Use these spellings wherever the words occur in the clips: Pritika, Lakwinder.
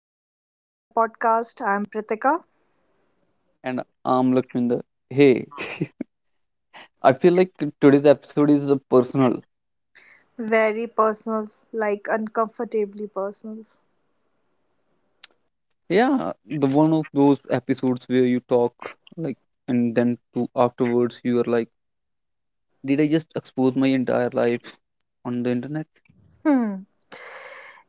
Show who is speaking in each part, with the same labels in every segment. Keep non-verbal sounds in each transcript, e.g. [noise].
Speaker 1: welcome back to the podcast. I'm Pritika.
Speaker 2: And I'm Lakwinder. Hey, [laughs] I feel like today's episode is a personal.
Speaker 1: Very personal, like uncomfortably personal.
Speaker 2: Yeah, the one of those episodes where you talk like, and then to afterwards you are like, did I just expose my entire life on the internet?
Speaker 1: Hmm,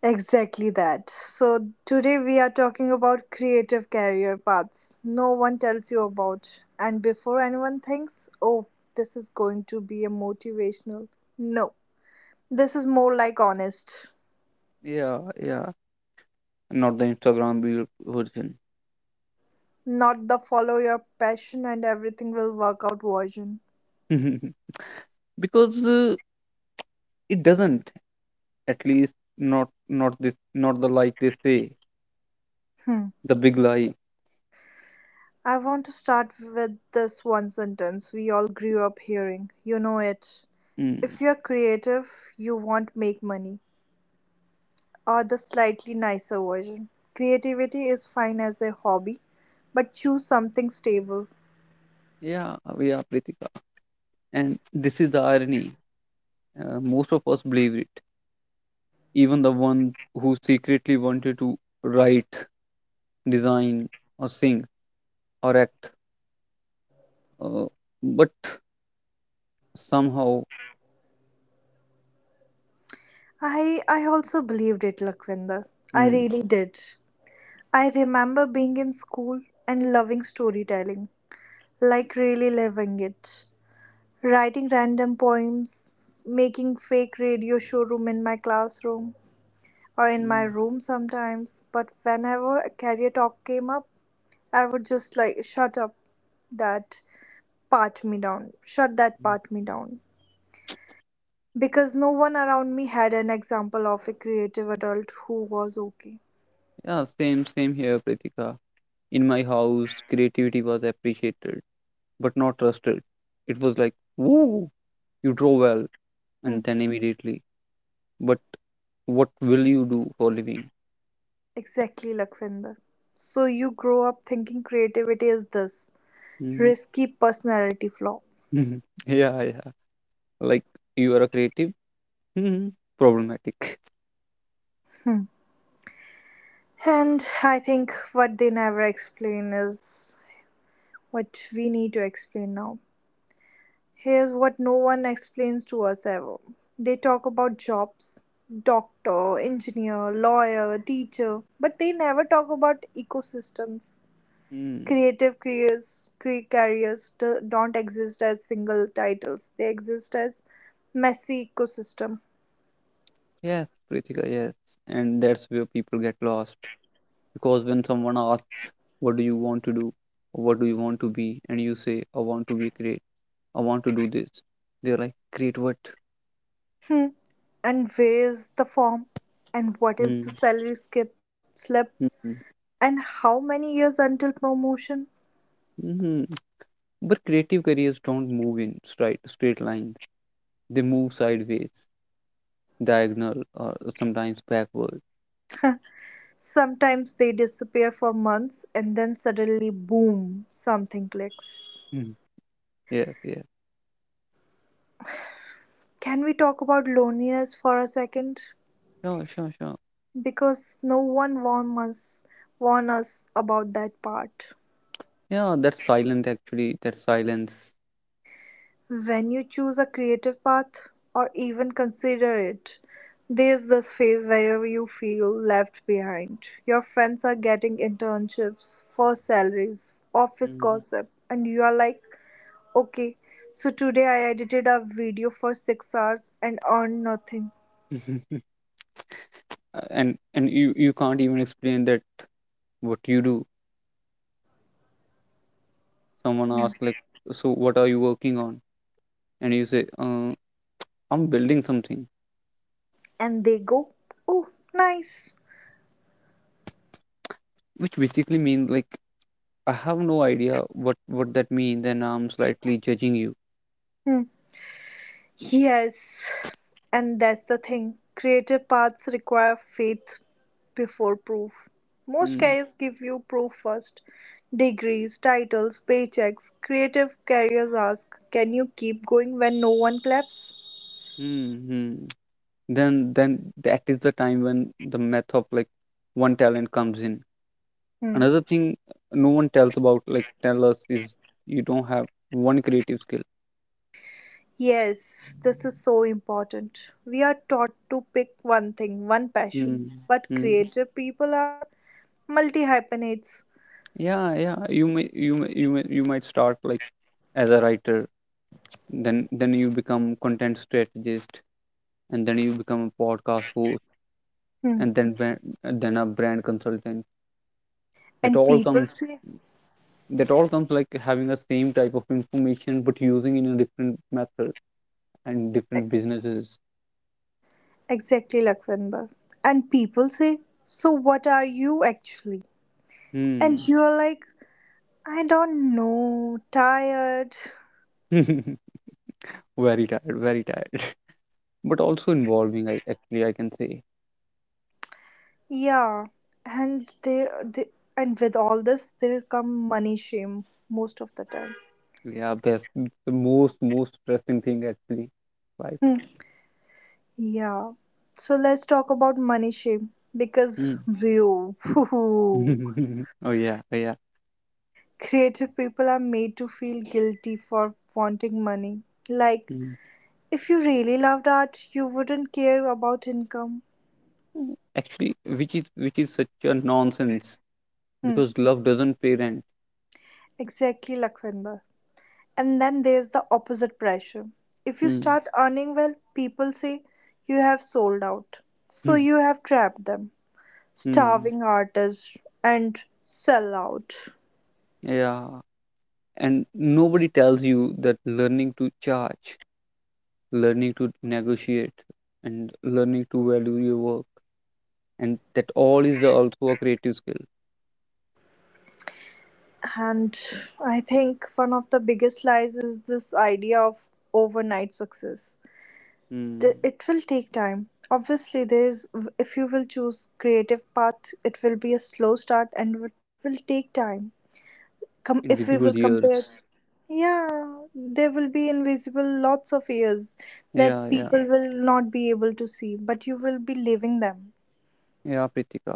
Speaker 1: exactly that. So, today we are talking about creative career paths no one tells you about. And before anyone thinks, oh, this is going to be a motivational, no, this is more like honest,
Speaker 2: Yeah, yeah, not the Instagram real version.
Speaker 1: not the follow your passion and everything will work out version.
Speaker 2: [laughs] Because it doesn't. At least not this, not the like they say
Speaker 1: Hmm,
Speaker 2: the big lie.
Speaker 1: I want to start with this one sentence we all grew up hearing. You know it.
Speaker 2: Mm.
Speaker 1: If you're creative, you won't make money. Or the slightly nicer version. Creativity is fine as a hobby, but choose something stable.
Speaker 2: Yeah, we are Pritika, and this is the irony. Most of us believe it, even the one who secretly wanted to write, design, or sing, or act. Uh, but somehow,
Speaker 1: I also believed it, Lakwinder. I
Speaker 2: mm,
Speaker 1: really did. I remember being in school and loving storytelling, like really loving it. Writing random poems, making fake radio showroom in my classroom, or in my
Speaker 2: mm,
Speaker 1: room sometimes. But whenever a career talk came up, I would just like shut up that part me down, shut that
Speaker 2: mm.
Speaker 1: part me down. Because no one around me had an example of a creative adult who was okay.
Speaker 2: Yeah, same here, Pritika. In my house, creativity was appreciated, but not trusted. It was like, woo, you draw well,
Speaker 1: Hmm.
Speaker 2: and then immediately, but what will you do for living?
Speaker 1: Exactly, Lakvinder. So you grow up thinking creativity is this
Speaker 2: Mm.
Speaker 1: risky personality flaw.
Speaker 2: [laughs] Yeah, yeah. Like, you are a creative? Hmm. Problematic.
Speaker 1: Hmm. And I think what they never explain is what we need to explain now. Here's what no one explains to us ever. They talk about jobs doctor, engineer, lawyer, teacher, but they never talk about ecosystems.
Speaker 2: Hmm.
Speaker 1: Creative careers, don't exist as single titles, they exist as messy ecosystem.
Speaker 2: Yes, Prithika, yes. And that's where people get lost. Because when someone asks, "What do you want to do?" Or "What do you want to be?" And you say, "I want to be great. I want to do this." They're like, "Create what?"
Speaker 1: Hmm. And where is the form? And what is
Speaker 2: Hmm.
Speaker 1: the salary skip slip?
Speaker 2: Hmm.
Speaker 1: And how many years until promotion?
Speaker 2: Hmm. But creative careers don't move in straight lines, they move sideways, diagonal, or sometimes backward.
Speaker 1: Sometimes they disappear for months and then suddenly, boom, something clicks.
Speaker 2: Hmm. Yes, yes.
Speaker 1: Can we talk about loneliness for a second?
Speaker 2: Sure, sure, sure.
Speaker 1: Because no one warn us about that part.
Speaker 2: Yeah, that's silent actually. That's silence.
Speaker 1: When you choose a creative path or even consider it, there's this phase where you feel left behind. Your friends are getting internships, first salaries, office
Speaker 2: Hmm.
Speaker 1: gossip, and you are like, okay, so today I edited a video for 6 hours and earned nothing.
Speaker 2: [laughs] And you can't even explain that what you do, someone
Speaker 1: Hmm.
Speaker 2: asks like, "So what are you working on?" And you say, I'm building something,
Speaker 1: And they go, oh, nice.
Speaker 2: which basically means like, I have no idea what that means and I'm slightly judging you.
Speaker 1: Hmm. Yes, and that's the thing. Creative paths require faith before proof. Most
Speaker 2: Hmm.
Speaker 1: careers give you proof first degrees, titles, paychecks. Creative careers ask, can you keep going when no one claps?
Speaker 2: Hmm. Hmm. Then that is the time when the math of like one talent comes in.
Speaker 1: Hmm.
Speaker 2: Another thing no one tells about like tell us is, you don't have one creative skill.
Speaker 1: Yes, this is so important. We are taught to pick one thing, one passion,
Speaker 2: Hmm.
Speaker 1: but
Speaker 2: Hmm.
Speaker 1: creative people are multi hyphenates.
Speaker 2: Yeah, yeah. You might start like as a writer, then you become content strategist, and then you become a podcast host,
Speaker 1: Hmm.
Speaker 2: and then a brand consultant. That
Speaker 1: And
Speaker 2: all
Speaker 1: people
Speaker 2: comes
Speaker 1: say,
Speaker 2: that all comes like having the same type of information but using in a different method and different businesses.
Speaker 1: exactly, Lakhvinder. And people say, so what are you actually? And
Speaker 2: Hmm.
Speaker 1: you're like, I don't know, tired.
Speaker 2: [laughs] Very tired, very tired. [laughs] But also involving, I actually I can say,
Speaker 1: Yeah. And they and with all this, there come money shame most of the time.
Speaker 2: yeah, best the most stressing thing actually, right?
Speaker 1: Yeah. So let's talk about money shame because view. [laughs]
Speaker 2: [laughs] Oh yeah, oh yeah.
Speaker 1: Creative people are made to feel guilty for wanting money. Like
Speaker 2: Mm.
Speaker 1: if you really loved art, you wouldn't care about income.
Speaker 2: Mm, actually, which is such a nonsense
Speaker 1: Hmm.
Speaker 2: because love doesn't pay rent.
Speaker 1: Exactly, Lakhvinder. And then there's the opposite pressure. If you
Speaker 2: Mm.
Speaker 1: start earning well, people say you have sold out. So you
Speaker 2: [laughs]
Speaker 1: have trapped them.
Speaker 2: Mm.
Speaker 1: Starving artists and sell out.
Speaker 2: Yeah, and nobody tells you that learning to charge, learning to negotiate, and learning to value your work, and that all is also a creative skill.
Speaker 1: And I think one of the biggest lies is this idea of overnight success.
Speaker 2: Mm.
Speaker 1: It will take time. Obviously, there is if you will choose creative path, it will be a slow start and it will take time. Come if we will
Speaker 2: Invisible
Speaker 1: compare,
Speaker 2: years.
Speaker 1: yeah, there will be invisible lots of years
Speaker 2: Yeah,
Speaker 1: that
Speaker 2: yeah,
Speaker 1: people will not be able to see, but you will be living them.
Speaker 2: yeah, Pritika.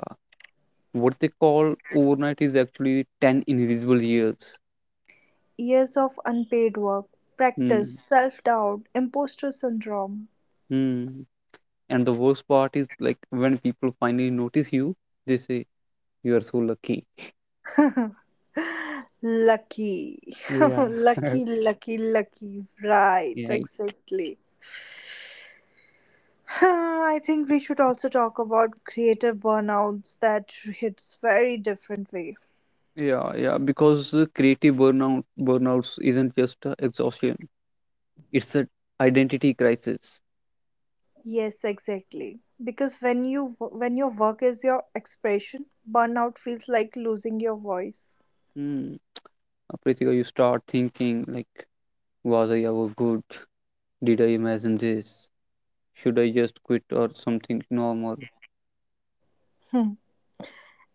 Speaker 2: What they call overnight is actually 10 invisible years.
Speaker 1: Years of unpaid work, practice,
Speaker 2: Hmm.
Speaker 1: self doubt, imposter syndrome,
Speaker 2: Hmm. And the worst part is like, when people finally notice you, they say you are so lucky.
Speaker 1: lucky. [laughs]
Speaker 2: Yeah. [laughs]
Speaker 1: Lucky, lucky, lucky. Right,
Speaker 2: Yeah.
Speaker 1: exactly. [laughs] [sighs] I think we should also talk about creative burnouts that hits very different way.
Speaker 2: Yeah, yeah, because creative burnouts isn't just exhaustion; it's an identity crisis.
Speaker 1: Yes, exactly. Because when you when your work is your expression, burnout feels like losing your voice.
Speaker 2: Hmm. Pritika, you start thinking like, "Was I ever good? Did I imagine this? Should I just quit or something normal?"
Speaker 1: Hmm.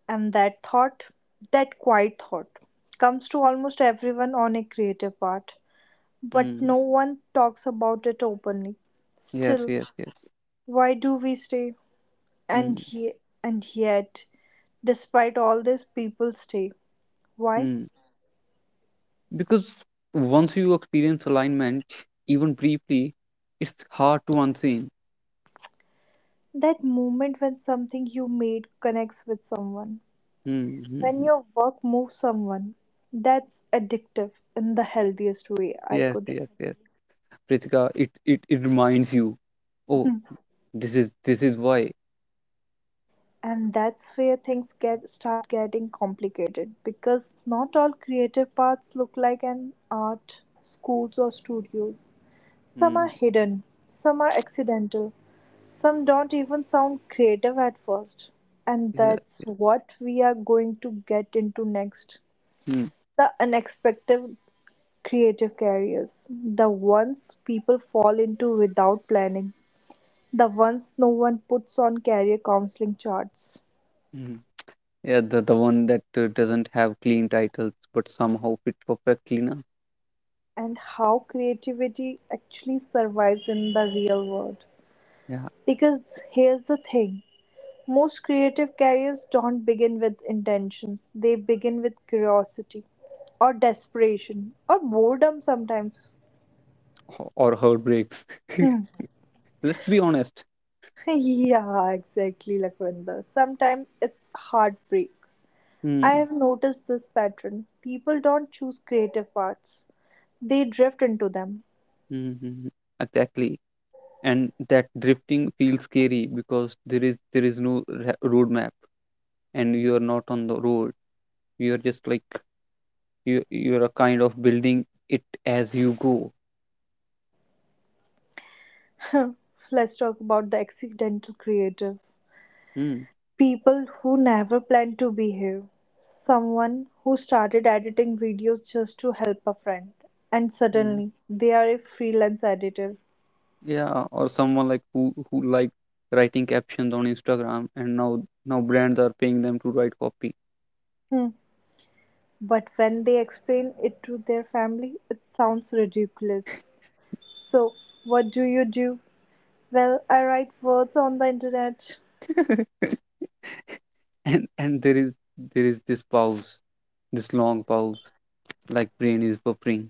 Speaker 1: And that thought, that quiet thought, comes to almost everyone on a creative part, but
Speaker 2: Hmm.
Speaker 1: no one talks about it openly.
Speaker 2: Yes,
Speaker 1: Still,
Speaker 2: yes, yes.
Speaker 1: why do we stay?
Speaker 2: Hmm.
Speaker 1: And ye- and yet, despite all this, people stay. Why?
Speaker 2: Hmm. Because once you experience alignment, even briefly, it's hard to unseen.
Speaker 1: That moment when something you made connects with someone, when
Speaker 2: Mm-hmm.
Speaker 1: your work moves someone, that's addictive in the healthiest way I
Speaker 2: Yes,
Speaker 1: could.
Speaker 2: yes, yes. Pritika, it reminds you, oh,
Speaker 1: [laughs]
Speaker 2: this is why.
Speaker 1: And that's where things get start getting complicated because not all creative paths look like an art schools or studios. Some are
Speaker 2: Mm,
Speaker 1: hidden, some are accidental, some don't even sound creative at first. And
Speaker 2: yeah.
Speaker 1: that's what we are going to get into next
Speaker 2: Mm,
Speaker 1: the unexpected creative careers, the ones people fall into without planning, the ones no one puts on career counseling charts,
Speaker 2: mm. Yeah. The one that doesn't have clean titles but somehow fit perfectly, na?
Speaker 1: and how creativity actually survives in the real world.
Speaker 2: Yeah,
Speaker 1: Because here's the thing most creative careers don't begin with intentions, they begin with curiosity or desperation or boredom sometimes.
Speaker 2: or heartbreaks.
Speaker 1: Hmm.
Speaker 2: [laughs] Let's be honest.
Speaker 1: [laughs] Yeah, exactly, Lakwinder. Sometimes it's heartbreak.
Speaker 2: Mm,
Speaker 1: I
Speaker 2: mm.
Speaker 1: have noticed this pattern. People don't choose creative paths, they drift into them.
Speaker 2: Hmm. Hmm. Exactly. And that drifting feels scary because there is no roadmap, and you are not on the road, you are just like, you're a kind of building it as you go.
Speaker 1: [laughs] Let's talk about the accidental creative.
Speaker 2: Hmm.
Speaker 1: People who never planned to behave. Someone who started editing videos just to help a friend, and
Speaker 2: Mm.
Speaker 1: suddenly they are a freelance editor.
Speaker 2: Yeah, or someone like who like writing captions on Instagram, and now brands are paying them to write copy.
Speaker 1: Hmm. But when they explain it to their family, it sounds ridiculous. So, what do you do? Well, I write words on the internet.
Speaker 2: [laughs] And there is this pause, this long pause, like brain is buffering.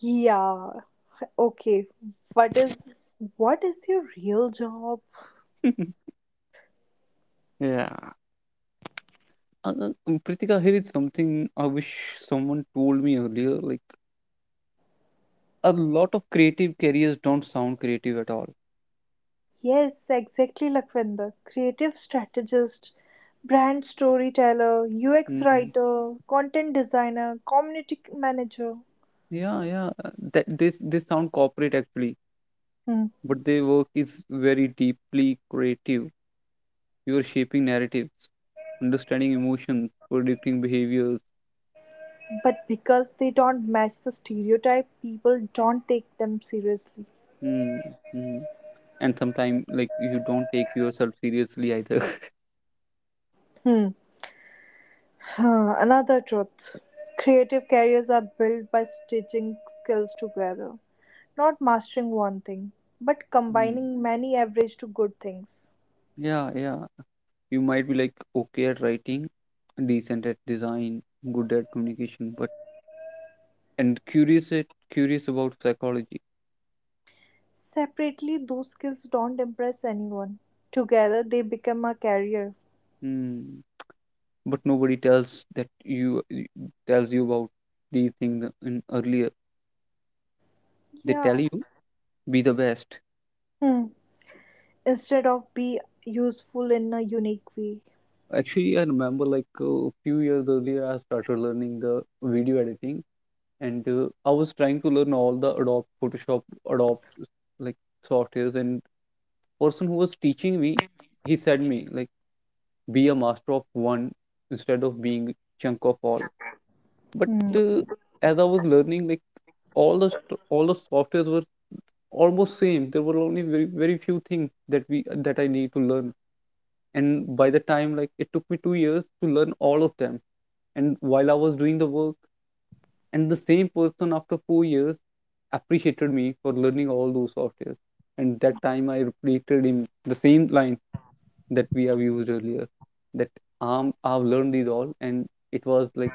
Speaker 1: Yeah. Okay. What is what is your real job?
Speaker 2: [laughs] Yeah. Pritika, here is something I wish someone told me earlier. Like, a lot of creative careers don't sound creative at all.
Speaker 1: Yes, exactly, Lakwinder. Creative strategist, brand storyteller, UX
Speaker 2: Mm.
Speaker 1: writer, content designer, community manager.
Speaker 2: Yeah, yeah. That they sound corporate actually,
Speaker 1: Hmm.
Speaker 2: but their work is very deeply creative. You are shaping narratives, understanding emotions, predicting behaviors.
Speaker 1: But because they don't match the stereotype, people don't take them seriously.
Speaker 2: Mm, mm. And sometimes like, you don't take yourself seriously either. [laughs]
Speaker 1: Hmm. Huh, another truth. Creative careers are built by stitching skills together, not mastering one thing, but
Speaker 2: Mm.
Speaker 1: combining many average to good things.
Speaker 2: Yeah, yeah. You might be like, okay at writing, decent at design, good at communication, but and curious about psychology.
Speaker 1: Separately, those skills don't impress anyone. Together, they become a career.
Speaker 2: Hmm. But nobody tells you about these things in earlier, they tell
Speaker 1: Yeah.
Speaker 2: you, be the best.
Speaker 1: Hmm. Instead of be useful in a unique way.
Speaker 2: Actually, I remember like a few years earlier, I started learning the video editing, and I was trying to learn all the Adobe Photoshop, Adobe, like softwares, and person who was teaching me, he said me like, be a master of one instead of being chunk of all. But
Speaker 1: Hmm.
Speaker 2: uh, as I was learning, like, all the all the softwares were almost same, there were only very very few things that I need to learn. And by the time, like, it took me 2 years to learn all of them, and while I was doing the work, and the same person after 4 years appreciated me for learning all those softwares. And that time I repeated him the same line that we have used earlier, that, I've learned these all, and it was like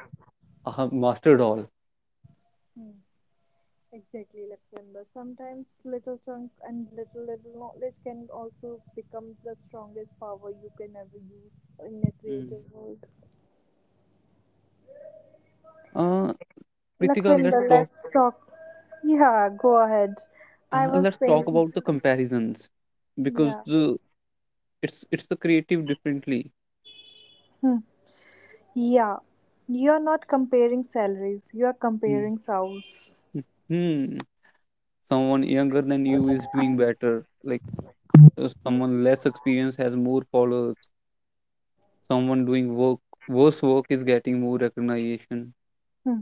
Speaker 2: I have mastered all.
Speaker 1: Hmm. Exactly, like Lakwinder. Sometimes little chunk and little little knowledge can also become the strongest power you can ever use in a
Speaker 2: Mm.
Speaker 1: creative world.
Speaker 2: Uh, Pritika, let's
Speaker 1: Lakhvinder,
Speaker 2: talk.
Speaker 1: let's talk. Yeah, go ahead. I was
Speaker 2: Let's talk
Speaker 1: saying,
Speaker 2: about the comparisons, because
Speaker 1: yeah.
Speaker 2: it's the creative differently.
Speaker 1: Yeah, you're not comparing salaries, you are
Speaker 2: Mm.
Speaker 1: comparing souls.
Speaker 2: Hmm. Someone younger than you is doing better. Like, someone less experienced has more followers. Someone doing work worse work is getting more recognition.
Speaker 1: Hmm.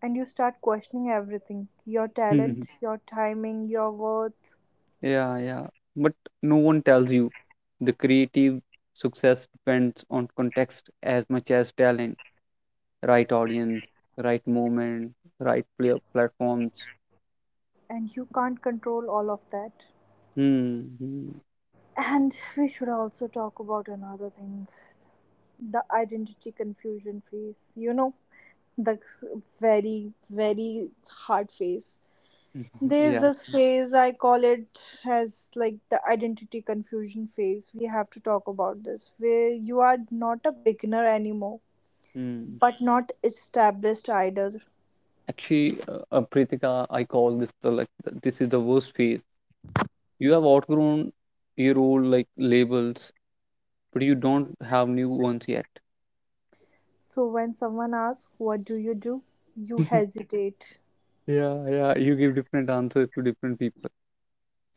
Speaker 1: And you start questioning everything your talent,
Speaker 2: [laughs]
Speaker 1: your timing, your worth,
Speaker 2: Yeah, yeah. But no one tells you, the creative success depends on context as much as talent, right audience, right moment, right platforms.
Speaker 1: and you can't control all of that.
Speaker 2: Hmm. Hmm.
Speaker 1: And we should also talk about another thing the identity confusion phase. You know, the very, very hard phase.
Speaker 2: [laughs]
Speaker 1: There's
Speaker 2: Yeah.
Speaker 1: this phase I call it as like the identity confusion phase. We have to talk about this where you are not a beginner anymore,
Speaker 2: Hmm.
Speaker 1: but not established either.
Speaker 2: Actually, Pritika, I call this the like this is the worst phase. You have outgrown your old like labels, but you don't have new ones yet.
Speaker 1: So when someone asks, what do you do? You
Speaker 2: [laughs]
Speaker 1: hesitate.
Speaker 2: Yeah, yeah. You give different answers to different people.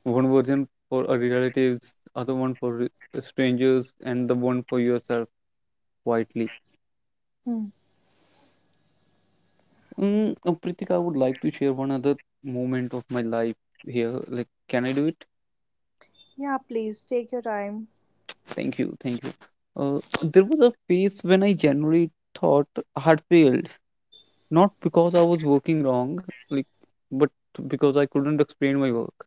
Speaker 2: One version for a relatives, other one for strangers, and the one for yourself quietly.
Speaker 1: Hmm.
Speaker 2: Mm. Pritika, I would like to share one other moment of my life here. Like, can I do it?
Speaker 1: Yeah, please take your time.
Speaker 2: Thank you, thank you. There was a phase when I generally thought I had failed, not because I was working wrong, like, but because I couldn't explain my work.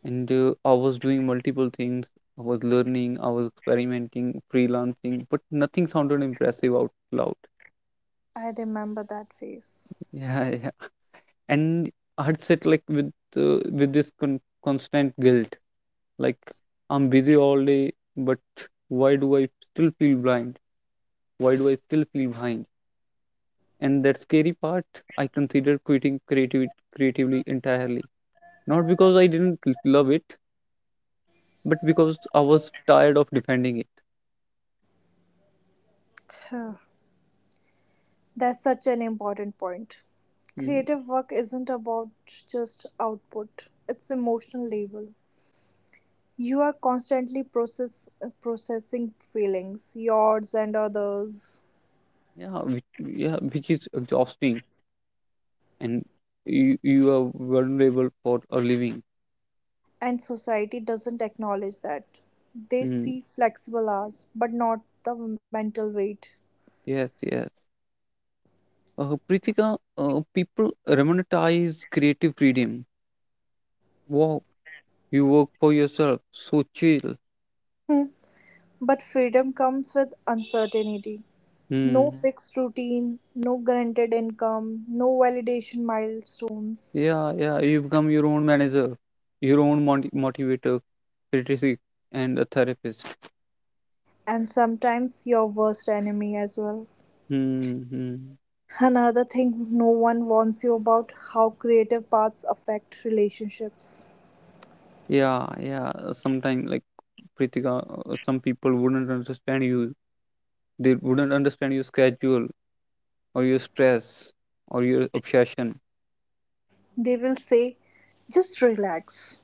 Speaker 2: And I was doing multiple things. I was learning, I was experimenting, freelancing, but nothing sounded impressive out loud.
Speaker 1: I remember that phase.
Speaker 2: Yeah, yeah. And I'd sit like with this constant guilt, like, I'm busy all day, but why do I still feel blind? Why do I still feel behind? And that scary part, I considered quitting creativity creatively entirely. Not because I didn't love it, but because I was tired of defending it.
Speaker 1: Huh. That's such an important point.
Speaker 2: Mm.
Speaker 1: Creative work isn't about just output, it's emotional labor. You are constantly processing feelings, yours and others,
Speaker 2: Yeah, which is exhausting, and you are vulnerable for a living.
Speaker 1: and society doesn't acknowledge that. They
Speaker 2: Mm,
Speaker 1: see flexible hours, but not the mental weight.
Speaker 2: yes, yes. Pritika, people romanticize creative freedom. Wow, you work for yourself, so chill.
Speaker 1: Hmm. But freedom comes with uncertainty. No
Speaker 2: Hmm.
Speaker 1: fixed routine, no guaranteed income, no validation milestones,
Speaker 2: Yeah, yeah, you become your own manager, your own motivator, critic, and a therapist.
Speaker 1: and sometimes your worst enemy as well.
Speaker 2: Hmm. Hmm.
Speaker 1: Another thing no one warns you about how creative paths affect relationships.
Speaker 2: Yeah, yeah. Sometimes, like, Pritika, some people wouldn't understand you. They wouldn't understand your schedule or your stress or your obsession.
Speaker 1: They will say, just relax,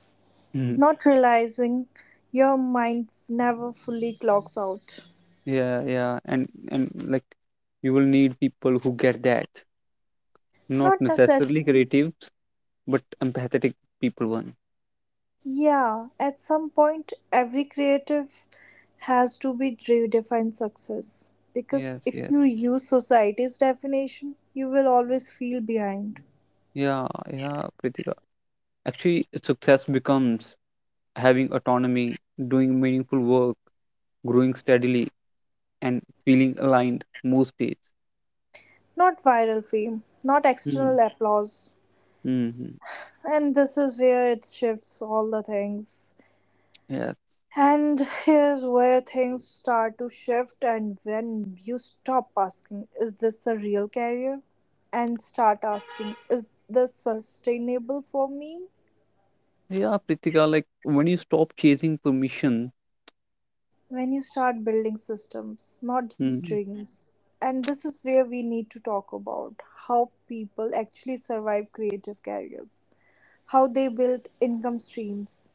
Speaker 2: [laughs]
Speaker 1: not realizing your mind never fully clocks out.
Speaker 2: Yeah, yeah, and like, you will need people who get that, not
Speaker 1: Not
Speaker 2: necessarily
Speaker 1: necessary.
Speaker 2: creative, but empathetic people one.
Speaker 1: Yeah, at some point, every creative has to be redefine success. Because
Speaker 2: Yes,
Speaker 1: if you
Speaker 2: yes,
Speaker 1: use society's definition, you will always feel behind.
Speaker 2: yeah, yeah, Pritika. Actually, success becomes having autonomy, doing meaningful work, growing steadily, and feeling aligned most days.
Speaker 1: Not viral fame, not
Speaker 2: Mm.
Speaker 1: external applause.
Speaker 2: Mm-hmm.
Speaker 1: And this is where it shifts all the things.
Speaker 2: Yes,
Speaker 1: And here's where things start to shift, and when you stop asking, is this a real career? And start asking, is this sustainable for me?
Speaker 2: yeah, Pritika. Like, when you stop chasing permission,
Speaker 1: When you start building systems, not just
Speaker 2: mm,
Speaker 1: dreams. And this is where we need to talk about how people actually survive creative careers, how they build income streams,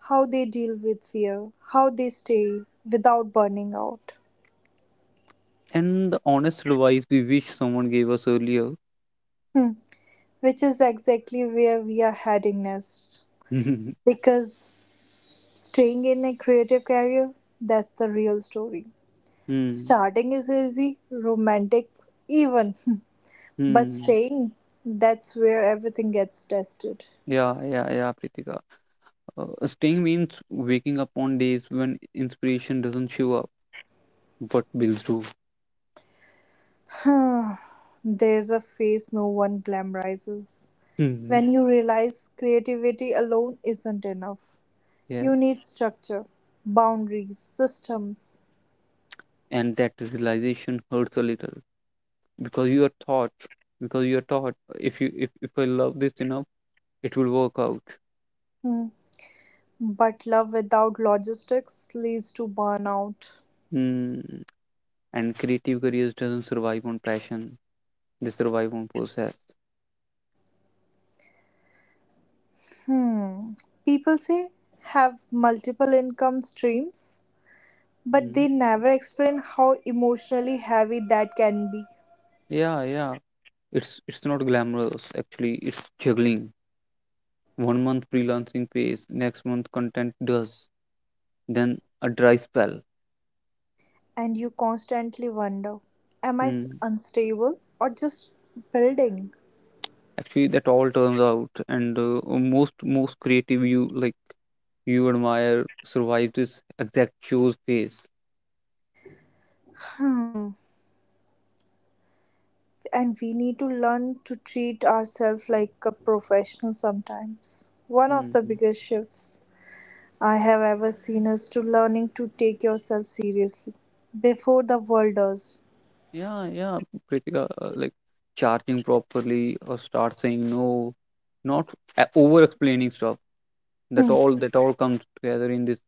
Speaker 1: how they deal with fear, how they stay without burning out.
Speaker 2: and the honest advice we wish someone gave us earlier.
Speaker 1: Hmm. Which is exactly where we are heading next.
Speaker 2: [laughs]
Speaker 1: Because staying in a creative career, that's the real story.
Speaker 2: Mm.
Speaker 1: Starting is easy, romantic, even, [laughs] but
Speaker 2: Hmm.
Speaker 1: staying, that's where everything gets tested.
Speaker 2: Yeah, yeah, yeah, Pritika. Staying means waking up on days when inspiration doesn't show up, but bills do.
Speaker 1: [sighs] There's a phase no one glamorizes.
Speaker 2: Hmm.
Speaker 1: When you realize creativity alone isn't enough,
Speaker 2: Yeah,
Speaker 1: you need structure, boundaries, systems.
Speaker 2: and that realization hurts a little, because you are taught, because you are taught, if you if I love this enough, it will work out.
Speaker 1: Hmm. But love without logistics leads to burnout.
Speaker 2: Hmm. And creative careers doesn't survive on passion; they survive on process.
Speaker 1: Hmm. People say have multiple income streams, but
Speaker 2: Hmm.
Speaker 1: they never explain how emotionally heavy that can be.
Speaker 2: Yeah, yeah. It's not glamorous actually. It's juggling. One month freelancing pays, next month content does, then a dry spell.
Speaker 1: And you constantly wonder, am I
Speaker 2: Hmm.
Speaker 1: unstable or just building?
Speaker 2: Actually, that all turns out, and most creative you like, you admire survive this exact chose phase.
Speaker 1: Hmm. And we need to learn to treat ourselves like a professional sometimes. One of the
Speaker 2: Hmm.
Speaker 1: biggest shifts I have ever seen us to learning to take yourself seriously before the world does.
Speaker 2: Yeah, yeah, Pritika, like charging properly or start saying no, not over explaining stuff. That
Speaker 1: Hmm.
Speaker 2: all that all comes together in this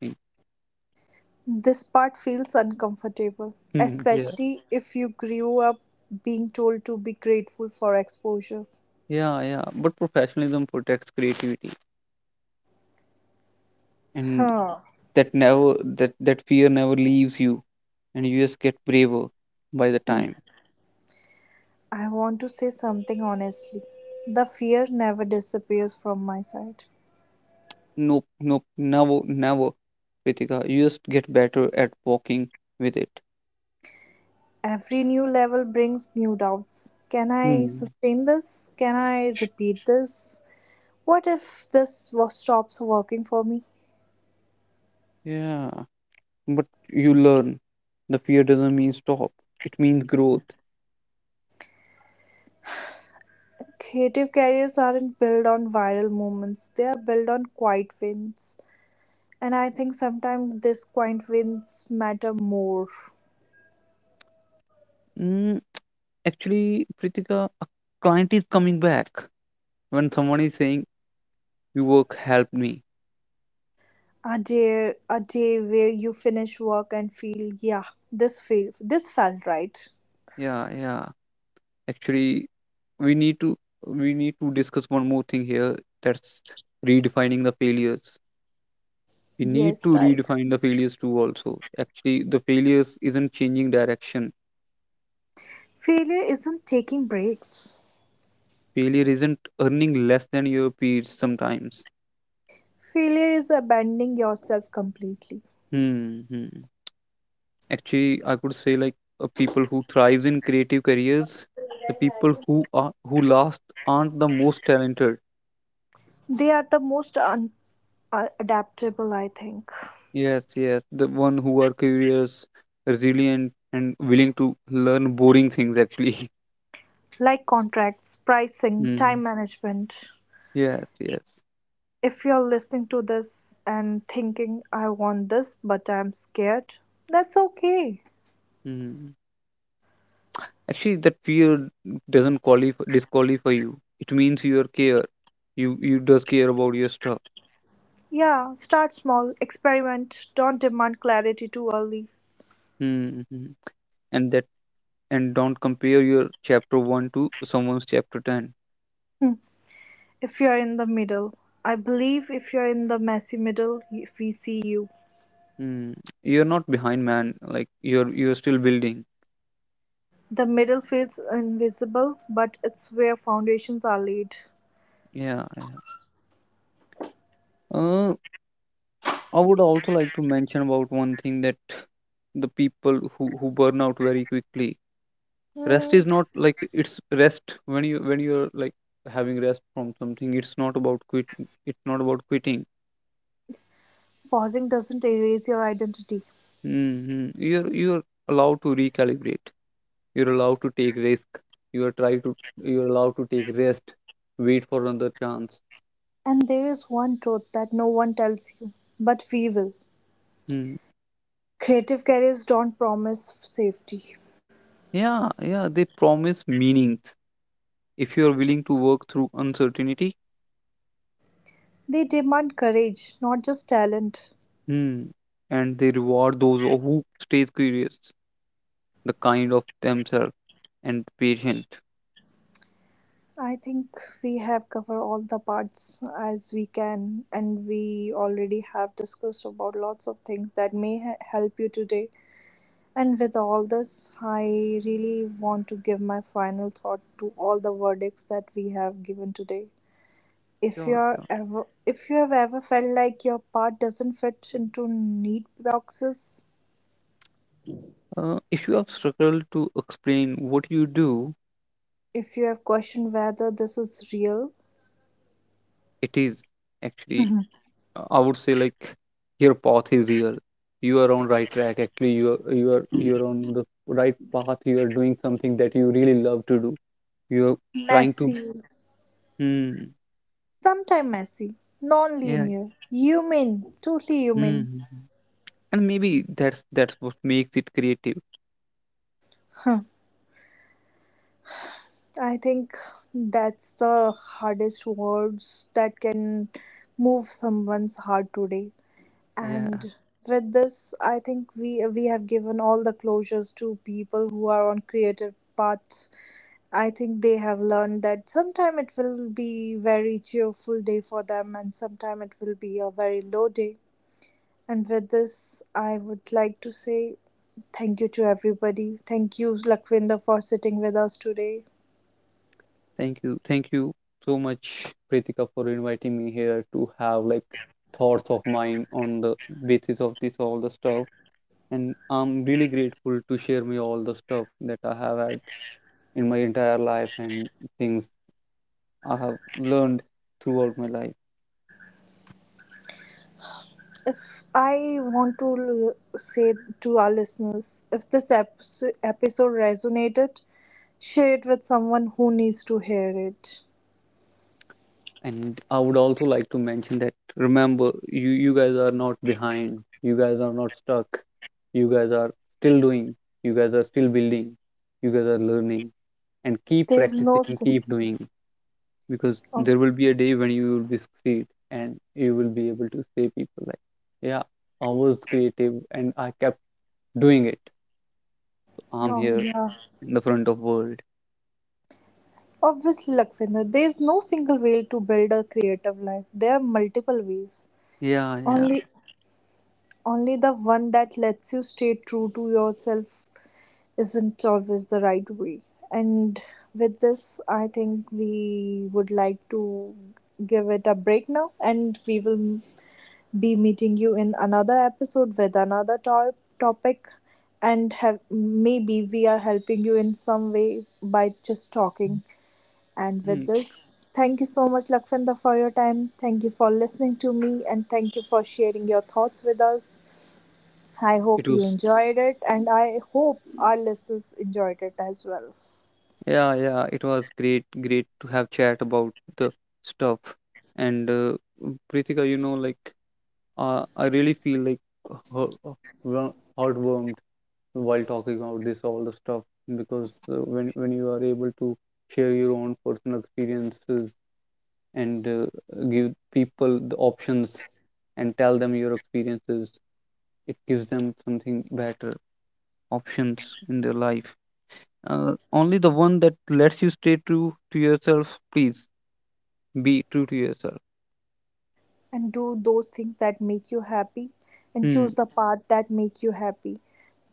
Speaker 2: thing.
Speaker 1: This part feels uncomfortable,
Speaker 2: [laughs] Yeah,
Speaker 1: especially if you grew up being told to be grateful for exposure.
Speaker 2: yeah, yeah. But professionalism protects creativity, and
Speaker 1: Huh.
Speaker 2: that never that fear never leaves you, and you just get braver by the
Speaker 1: Hmm.
Speaker 2: time.
Speaker 1: I want to say something honestly. The fear never disappears from my side.
Speaker 2: Nope, never, Ritika, you just get better at walking with it.
Speaker 1: Every new level brings new doubts. Can I
Speaker 2: Hmm.
Speaker 1: sustain this? Can I repeat this? What if this stops working for me?
Speaker 2: Yeah, but you learn, the fear doesn't mean stop, it means growth.
Speaker 1: Creative careers aren't built on viral moments, they are built on quiet wins. And I think sometimes these quiet wins matter more.
Speaker 2: Mm, actually Pritika, a client is coming back, when someone is saying, "You work helped me."
Speaker 1: A day where you finish work and feel, yeah, this felt right.
Speaker 2: Yeah, yeah. Actually, we need to we need to discuss one more thing here, that's redefining the failures, we need
Speaker 1: Yes,
Speaker 2: to
Speaker 1: right.
Speaker 2: redefine the failures too also. Actually, the failures isn't changing direction,
Speaker 1: Failure isn't taking breaks.
Speaker 2: failure isn't earning less than your peers sometimes.
Speaker 1: Failure is abandoning yourself completely.
Speaker 2: Hmm. Hmm. Actually, I could say like, people who thrives in creative careers, the people who last aren't the most talented.
Speaker 1: They are the most adaptable, I think.
Speaker 2: Yes, yes, the one who are curious, resilient, and willing to learn boring things actually.
Speaker 1: Like contracts,
Speaker 2: [laughs]
Speaker 1: pricing, time
Speaker 2: Hmm.
Speaker 1: management.
Speaker 2: Yes, yes.
Speaker 1: If you're listening to this and thinking, I want this, but I'm scared, that's okay.
Speaker 2: Hmm. Actually, that fear doesn't qualify disqualify you. It means you are care. You does care about your stuff.
Speaker 1: Yeah, start small, experiment, don't demand clarity too early.
Speaker 2: Mm-hmm. And that and don't compare your chapter one to someone's chapter 10.
Speaker 1: Hmm. If you're in the middle, I believe if you're in the messy middle, if we see you.
Speaker 2: Mm. You're not behind, man. Like, you're still building.
Speaker 1: The middle feels invisible, but it's where foundations are laid.
Speaker 2: Yeah, yeah. Uh, I would also like to mention about one thing, that the people who burn out very quickly. Rest
Speaker 1: Hmm.
Speaker 2: is not like, it's rest when you're like having rest from something. It's not about quit. It's not about quitting.
Speaker 1: Pausing doesn't erase your identity.
Speaker 2: Hmm. You're allowed to recalibrate. You're allowed to take risk. You are try to you're allowed to take rest. Wait for another chance.
Speaker 1: And there is one truth that no one tells you, but we will.
Speaker 2: Hmm.
Speaker 1: Creative careers don't promise safety.
Speaker 2: Yeah, yeah. They promise meanings if you are willing to work through uncertainty.
Speaker 1: They demand courage, not just talent.
Speaker 2: Hmm. And they reward those who stays curious, the kind of themselves and patient.
Speaker 1: I think we have covered all the parts as we can, and we already have discussed about lots of things that may help you today. And with all this, I really want to give my final thought to all the verdicts that we have given today. If you
Speaker 2: Sure,
Speaker 1: are
Speaker 2: sure.
Speaker 1: ever, if you have ever felt like your part doesn't fit into neat boxes,
Speaker 2: If you have struggled to explain what you do,
Speaker 1: if you have questioned whether this is real,
Speaker 2: it is actually,
Speaker 1: [laughs]
Speaker 2: I would say like, your path is real. You are on right track. Actually, you are on the right path. You are doing something that you really love to do. You are trying to.
Speaker 1: messy,
Speaker 2: Hmm.
Speaker 1: sometime messy,
Speaker 2: Yeah.
Speaker 1: non-linear, human, totally human.
Speaker 2: Hmm. And maybe that's what makes it creative.
Speaker 1: Huh. I think that's the hardest words that can move someone's heart today.
Speaker 2: Yeah.
Speaker 1: And with this, I think we have given all the closures to people who are on creative paths. I think they have learned that sometime it will be very cheerful day for them, and sometime it will be a very low day. And with this, I would like to say thank you to everybody. Thank you, Lakwinder, for sitting with us today.
Speaker 2: Thank you. Thank you so much, Pritika, for inviting me here to have like thoughts of mine on the basis of this all the stuff. And I'm really grateful to share me all the stuff that I have had in my entire life, and things I have learned throughout my life.
Speaker 1: If I want to say to our listeners, if this ep episode resonated, share it with someone who needs to hear it.
Speaker 2: And I would also like to mention that, remember, you guys are not behind. You guys are not stuck. You guys are still doing. You guys are still building. You guys are learning, and keep
Speaker 1: There's no.
Speaker 2: practicing, keep doing. Because
Speaker 1: Oh,
Speaker 2: there will be a day when you will be succeed, and you will be able to say people like, yeah, I was creative and I kept doing it, I'm
Speaker 1: oh,
Speaker 2: here
Speaker 1: yeah.
Speaker 2: in the front of world.
Speaker 1: Obviously, Lakwinder. There's no single way to build a creative life. There are multiple ways.
Speaker 2: Yeah, yeah.
Speaker 1: Only, only the one that lets you stay true to yourself isn't always the right way. And with this, I think we would like to give it a break now, and we will be meeting you in another episode with another topic. And have, maybe we are helping you in some way by just talking. And with
Speaker 2: Hmm.
Speaker 1: this, thank you so much, Lakvinda, for your time. Thank you for listening to me, and thank you for sharing your thoughts with us. I
Speaker 2: It
Speaker 1: hope you
Speaker 2: was,
Speaker 1: enjoyed it, and I hope our listeners enjoyed it as well.
Speaker 2: yeah, yeah, it was great to have chat about the stuff. And Pritika, like, I really feel like heartwarmed while talking about this all the stuff. Because when you are able to share your own personal experiences, and give people the options and tell them your experiences, it gives them something better options in their life. Only the one that lets you stay true to yourself, please be true to yourself.
Speaker 1: And do those things that make you happy, and
Speaker 2: Hmm.
Speaker 1: choose the path that make you happy.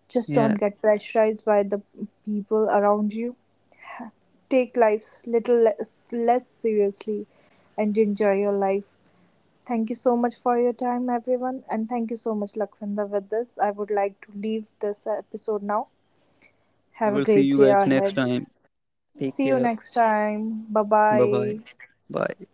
Speaker 1: Just don't
Speaker 2: Yeah.
Speaker 1: get pressurized by the people around you. Take life little less seriously, and enjoy your life. Thank you so much for your time, everyone, and thank you so much, Lakwinder, with this. I would like to leave this episode now. Have a
Speaker 2: We'll see
Speaker 1: great
Speaker 2: you
Speaker 1: day
Speaker 2: guys next
Speaker 1: ahead.
Speaker 2: time. Take
Speaker 1: See you
Speaker 2: care.
Speaker 1: next time. Bye
Speaker 2: Bye bye.
Speaker 1: bye.
Speaker 2: Bye.